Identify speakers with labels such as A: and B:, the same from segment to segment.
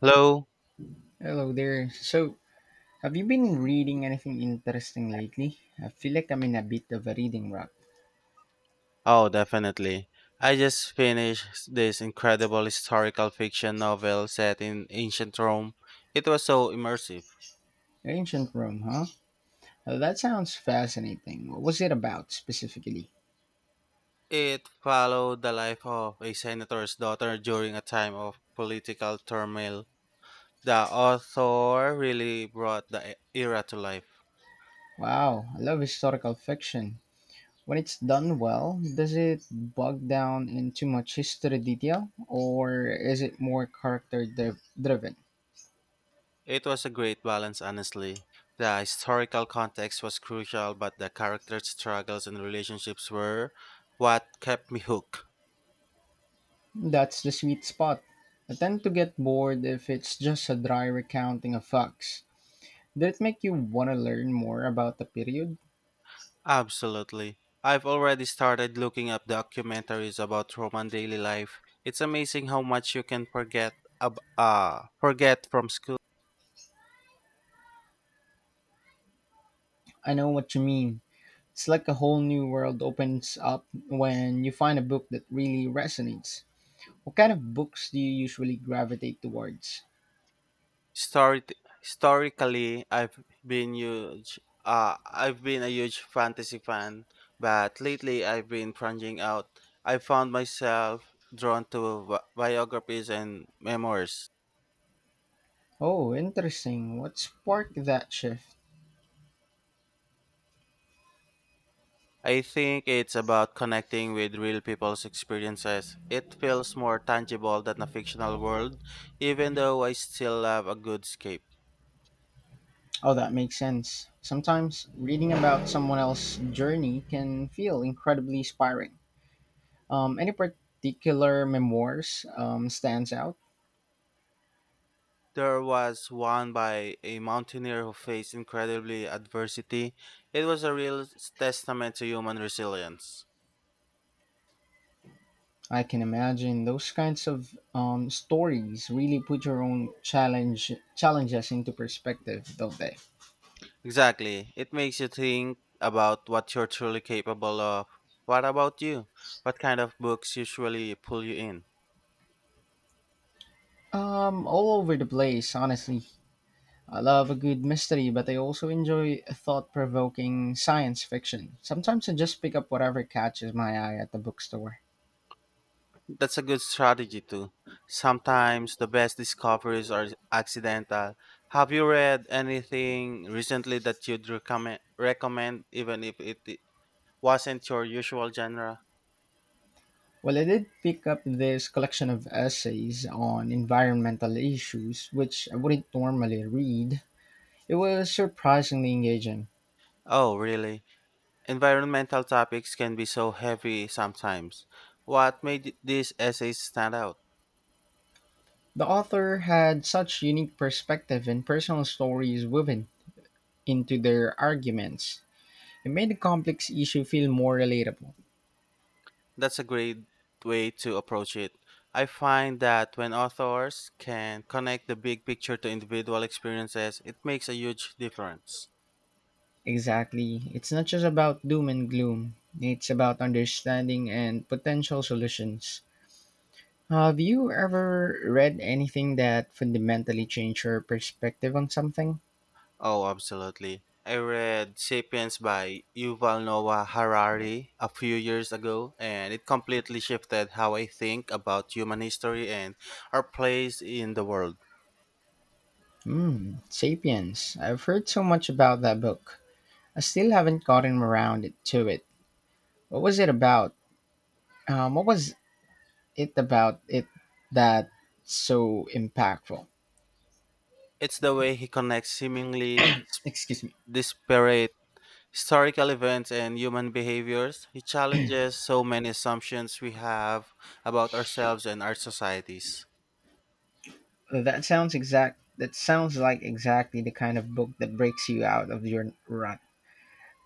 A: Hello?
B: Hello there. So, have you been reading anything interesting lately? I feel like I'm in a bit of a reading rut.
A: Oh, definitely. I just finished this incredible historical fiction novel set in ancient Rome. It was so immersive.
B: Ancient Rome, huh? Well, that sounds fascinating. What was it about specifically?
A: It followed the life of a senator's daughter during a time of political turmoil. The author really brought the era to life.
B: Wow, I love historical fiction. When it's done well, does it bog down in too much history detail, or is it more character driven?
A: It was a great balance, honestly. The historical context was crucial, but the characters' struggles and relationships were what kept me hooked.
B: That's the sweet spot. I tend to get bored if it's just a dry recounting of facts. Did it make you want to learn more about the period?
A: Absolutely. I've already started looking up documentaries about Roman daily life. It's amazing how much you can forget from school.
B: I know what you mean. It's like a whole new world opens up when you find a book that really resonates. What kind of books do you usually gravitate towards?
A: Story- Historically, I've been huge. I've been a huge fantasy fan, but lately I've been plunging out. I found myself drawn to biographies and memoirs.
B: Oh, interesting. What sparked that shift?
A: I think it's about connecting with real people's experiences. It feels more tangible than a fictional world, even though I still love a good escape.
B: Oh, that makes sense. Sometimes reading about someone else's journey can feel incredibly inspiring. Any particular memoirs stands out?
A: There was one by a mountaineer who faced incredibly adversity. It was a real testament to human resilience.
B: I can imagine those kinds of stories really put your own challenges into perspective, don't they?
A: Exactly. It makes you think about what you're truly capable of. What about you? What kind of books usually pull you in?
B: All over the place, honestly. I love a good mystery, but I also enjoy thought provoking science fiction. Sometimes I just pick up whatever catches my eye at the bookstore.
A: That's a good strategy too. Sometimes the best discoveries are accidental. Have you read anything recently that you'd recommend even if it wasn't your usual genre?
B: Well, I did pick up this collection of essays on environmental issues, which I wouldn't normally read. It was surprisingly engaging.
A: Oh, really? Environmental topics can be so heavy sometimes. What made these essays stand out?
B: The author had such unique perspective and personal stories woven into their arguments. It made the complex issue feel more relatable.
A: That's a great way to approach it. I find that when authors can connect the big picture to individual experiences, it makes a huge difference.
B: Exactly. It's not just about doom and gloom, it's about understanding and potential solutions. Have you ever read anything that fundamentally changed your perspective on something?
A: Oh, absolutely. I read Sapiens by Yuval Noah Harari a few years ago, and it completely shifted how I think about human history and our place in the world.
B: Hmm, Sapiens. I've heard so much about that book. I still haven't gotten around to it. What was it about? What was it about it that so impactful?
A: It's the way he connects seemingly
B: Excuse me.
A: disparate historical events and human behaviors. He challenges so many assumptions we have about ourselves and our societies.
B: That sounds like exactly the kind of book that breaks you out of your rut.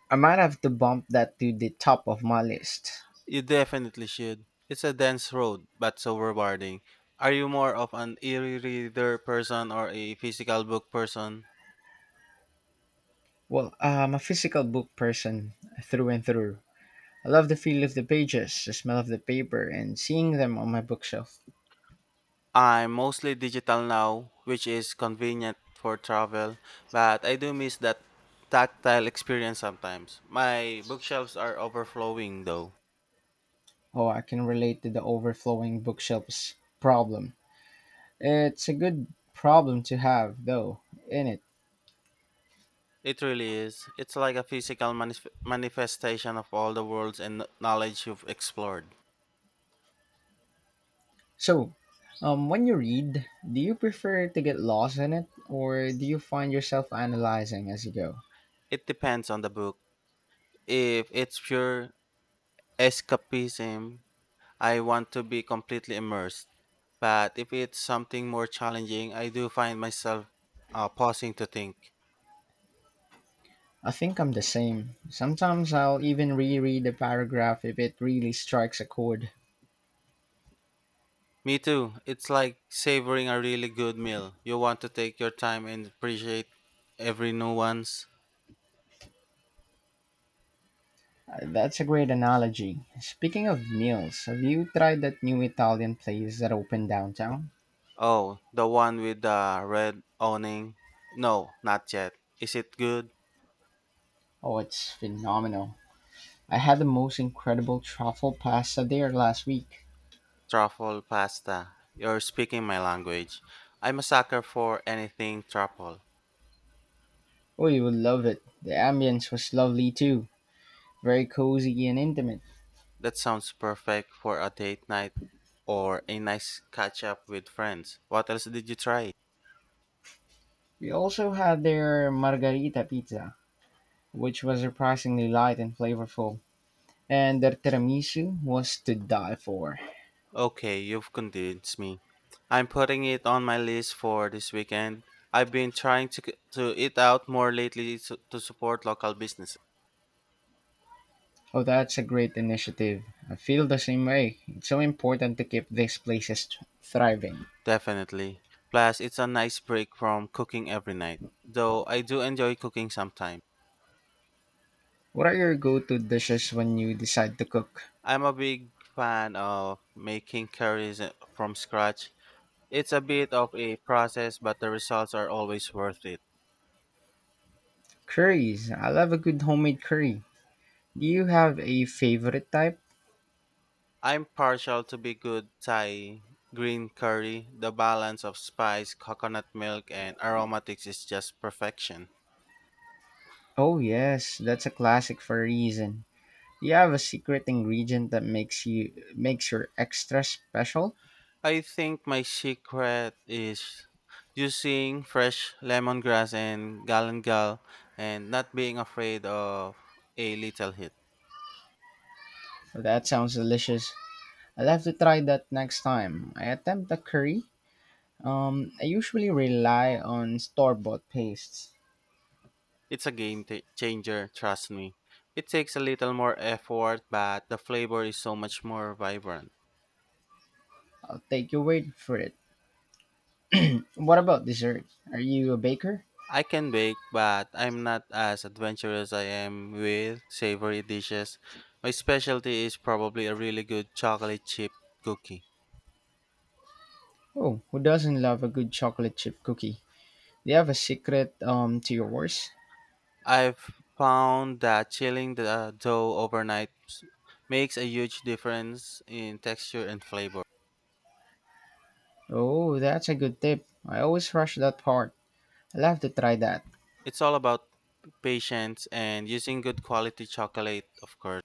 B: I might have to bump that to the top of my list.
A: You definitely should. It's a dense road, but so rewarding. Are you more of an e reader person or a physical book person?
B: Well, I'm a physical book person through and through. I love the feel of the pages, the smell of the paper, and seeing them on my bookshelf.
A: I'm mostly digital now, which is convenient for travel, but I do miss that tactile experience sometimes. My bookshelves are overflowing though.
B: Oh, I can relate to the overflowing bookshelves problem. It's a good problem to have, though, in it.
A: It really is. It's like a physical manifestation of all the worlds and knowledge you've explored.
B: So, when you read, do you prefer to get lost in it, or do you find yourself analyzing as you go?
A: It depends on the book. If it's pure escapism, I want to be completely immersed. But if it's something more challenging, I do find myself pausing to think.
B: I think I'm the same. Sometimes I'll even reread the paragraph if it really strikes a chord.
A: Me too. It's like savoring a really good meal. You want to take your time and appreciate every nuance.
B: That's a great analogy. Speaking of meals, have you tried that new Italian place that opened downtown?
A: Oh, the one with the red awning? No, not yet. Is it good?
B: Oh, it's phenomenal. I had the most incredible truffle pasta there last week.
A: Truffle pasta. You're speaking my language. I'm a sucker for anything truffle.
B: Oh, you would love it. The ambience was lovely too, very cozy and intimate.
A: That sounds perfect for a date night or a nice catch up with friends. What else did you try?
B: We also had their margarita pizza, which was surprisingly light and flavorful, and their tiramisu was to die for.
A: Okay, you've convinced me. I'm putting it on my list for this weekend. I've been trying to eat out more lately to support local businesses.
B: Oh, that's a great initiative. I feel the same way. It's so important to keep these places thriving.
A: Definitely. Plus, it's a nice break from cooking every night. Though I do enjoy cooking sometimes.
B: What are your go-to dishes when you decide to cook?
A: I'm a big fan of making curries from scratch. It's a bit of a process, but the results are always worth it.
B: Curries. I love a good homemade curry. Do you have a favorite type?
A: I'm partial to be good Thai green curry. The balance of spice, coconut milk, and aromatics is just perfection.
B: Oh yes, that's a classic for a reason. Do you have a secret ingredient that makes your extra special?
A: I think my secret is using fresh lemongrass and galangal and not being afraid of a little hit.
B: That sounds delicious. I'll have to try that next time. I attempt a curry. I usually rely on store bought pastes.
A: It's a changer, trust me. It takes a little more effort, but the flavor is so much more vibrant.
B: I'll take your word for it. What about dessert? Are you a baker?
A: I can bake, but I'm not as adventurous I am with savory dishes. My specialty is probably a really good chocolate chip cookie.
B: Oh, who doesn't love a good chocolate chip cookie? Do you have a secret to yours?
A: I've found that chilling the dough makes a huge difference in texture and flavor.
B: Oh, that's a good tip. I always rush that part. I'll have to try that.
A: It's all about patience and using good quality chocolate, of course.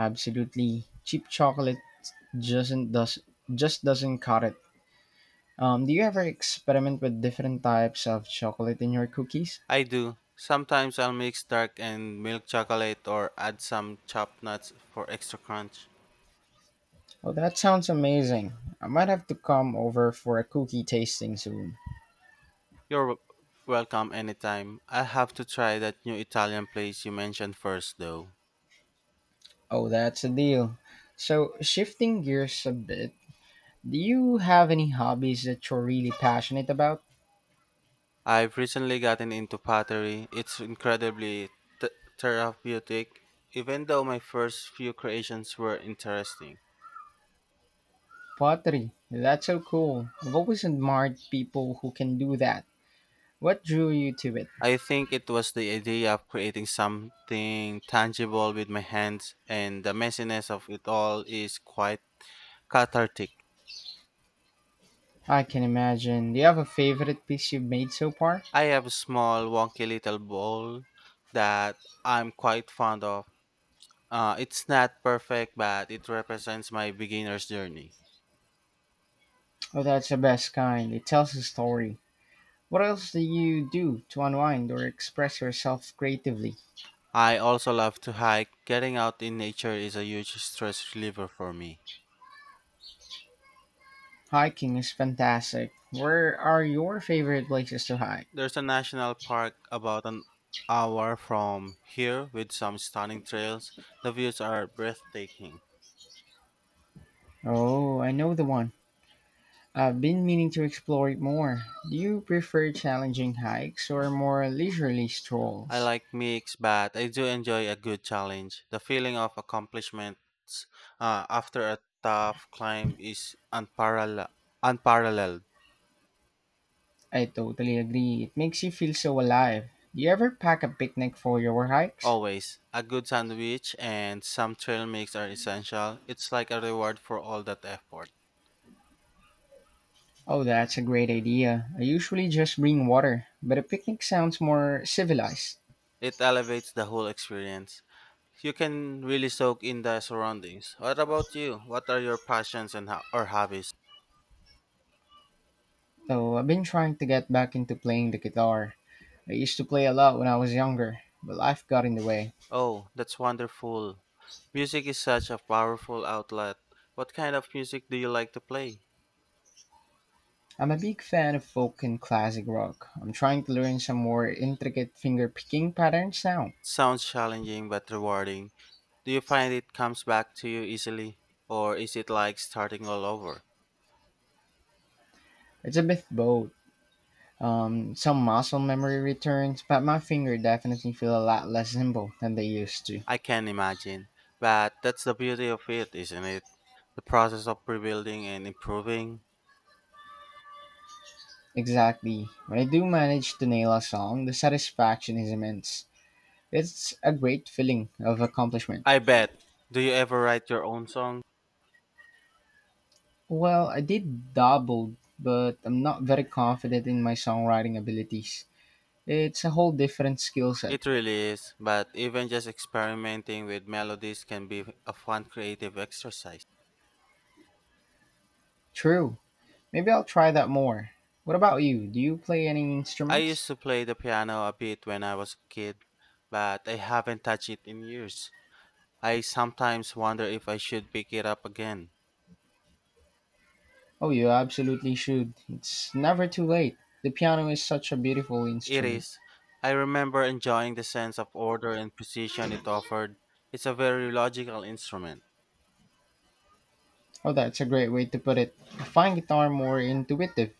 B: Absolutely. Cheap chocolate doesn't does just doesn't cut it. Do you ever experiment with different types of chocolate in your cookies?
A: I do. Sometimes I'll mix dark and milk chocolate or add some chopped nuts for extra crunch.
B: Oh, that sounds amazing. I might have to come over for a cookie tasting soon.
A: You're w- Welcome anytime. I'll have to try that new Italian place you mentioned first, though.
B: Oh, that's a deal. So, shifting gears a bit, do you have any hobbies that you're really passionate about?
A: I've recently gotten into pottery. It's incredibly th- therapeutic, even though my first few creations were interesting.
B: Pottery. That's so cool. I've always admired people who can do that. What drew you to it?
A: I think it was the idea of creating something tangible with my hands, and the messiness of it all is quite cathartic.
B: I can imagine. Do you have a favorite piece you've made so far?
A: I have a small, wonky little bowl that I'm quite fond of. It's not perfect, but it represents my beginner's journey.
B: Oh, that's the best kind. It tells a story. What else do you do to unwind or express yourself creatively?
A: I also love to hike. Getting out in nature is a huge stress reliever for me.
B: Hiking is fantastic. Where are your favorite places to hike?
A: There's a national park about an hour from here with some stunning trails. The views are breathtaking.
B: Oh, I know the one. I've been meaning to explore it more. Do you prefer challenging hikes or more leisurely
A: I
B: strolls?
A: like mix, but I do enjoy a good challenge. The feeling of accomplishments after a tough climb is unparalleled.
B: I totally agree. It makes you feel so alive. Do you ever pack a picnic for your hikes?
A: Always. A good sandwich and some trail mix are essential. It's like a reward for all that effort.
B: Oh, that's a great idea. I usually just bring water, but a picnic sounds more civilized.
A: It elevates the whole experience. You can really soak in the surroundings. What about you? What are your passions and or hobbies?
B: So I've been trying to get back into playing the guitar. I used to play a lot when I was younger, but life got in the way.
A: Oh, that's wonderful. Music is such a powerful outlet. What kind of music do you like to play?
B: I'm a big fan of folk and classic rock. I'm trying to learn some more intricate finger picking patterns now.
A: Sounds challenging but rewarding. Do you find it comes back to you easily or is it like starting all over?
B: It's a bit both. Some muscle memory returns, but my finger definitely feel a lot less nimble than they used to.
A: I can imagine, but that's the beauty of it, isn't it? The process of rebuilding and improving.
B: Exactly. When I do manage to nail a song, the satisfaction is immense. It's a great feeling of accomplishment.
A: I bet. Do you ever write your own song?
B: Well, I did double, but I'm not very confident in my songwriting abilities. It's a whole different skill set.
A: It really is, but even just experimenting with melodies can be a fun creative exercise.
B: True, maybe I'll try that more. What about you? Do you play any
A: I
B: instruments?
A: used to play the piano a bit when I was a kid, but I haven't touched it in years. I sometimes wonder if I should pick it up again.
B: Oh, you absolutely should. It's never too late. The piano is such a beautiful
A: It
B: instrument.
A: is. I remember enjoying the sense of order and precision it offered. It's a very logical instrument.
B: Oh, that's a great way to put it. I find guitar more intuitive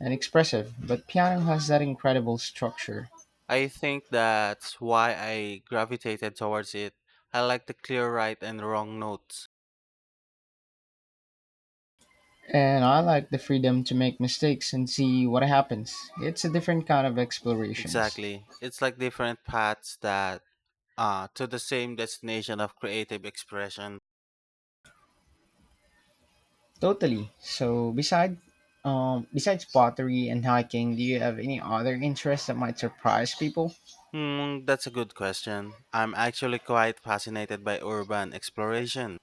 B: and expressive, but piano has that incredible structure.
A: I think that's why I gravitated towards it. I like the clear right and wrong notes.
B: And I like the freedom to make mistakes and see what happens. It's a different kind of explorations.
A: Exactly. It's like different paths that to the same destination of creative expression.
B: Totally. So, besides pottery and hiking, do you have any other interests that might surprise people?
A: Hmm, that's a good question. I'm actually quite fascinated by urban exploration.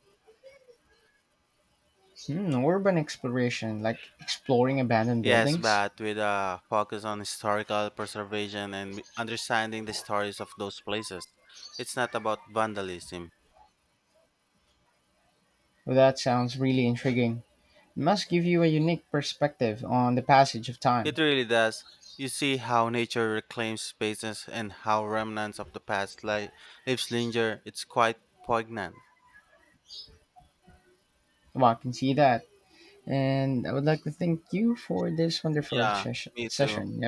B: Hmm, urban exploration, like exploring abandoned
A: Yes,
B: buildings?
A: but with a focus on historical preservation and understanding the stories of those places. It's not about vandalism.
B: Well, that sounds really intriguing. It must give you a unique perspective on the passage of time.
A: It really does. You see how nature reclaims spaces and how remnants of the past lives linger. It's quite poignant.
B: Well, I can see that. And I would like to thank you for this wonderful
A: Yeah,
B: sesh-
A: me too.
B: session. You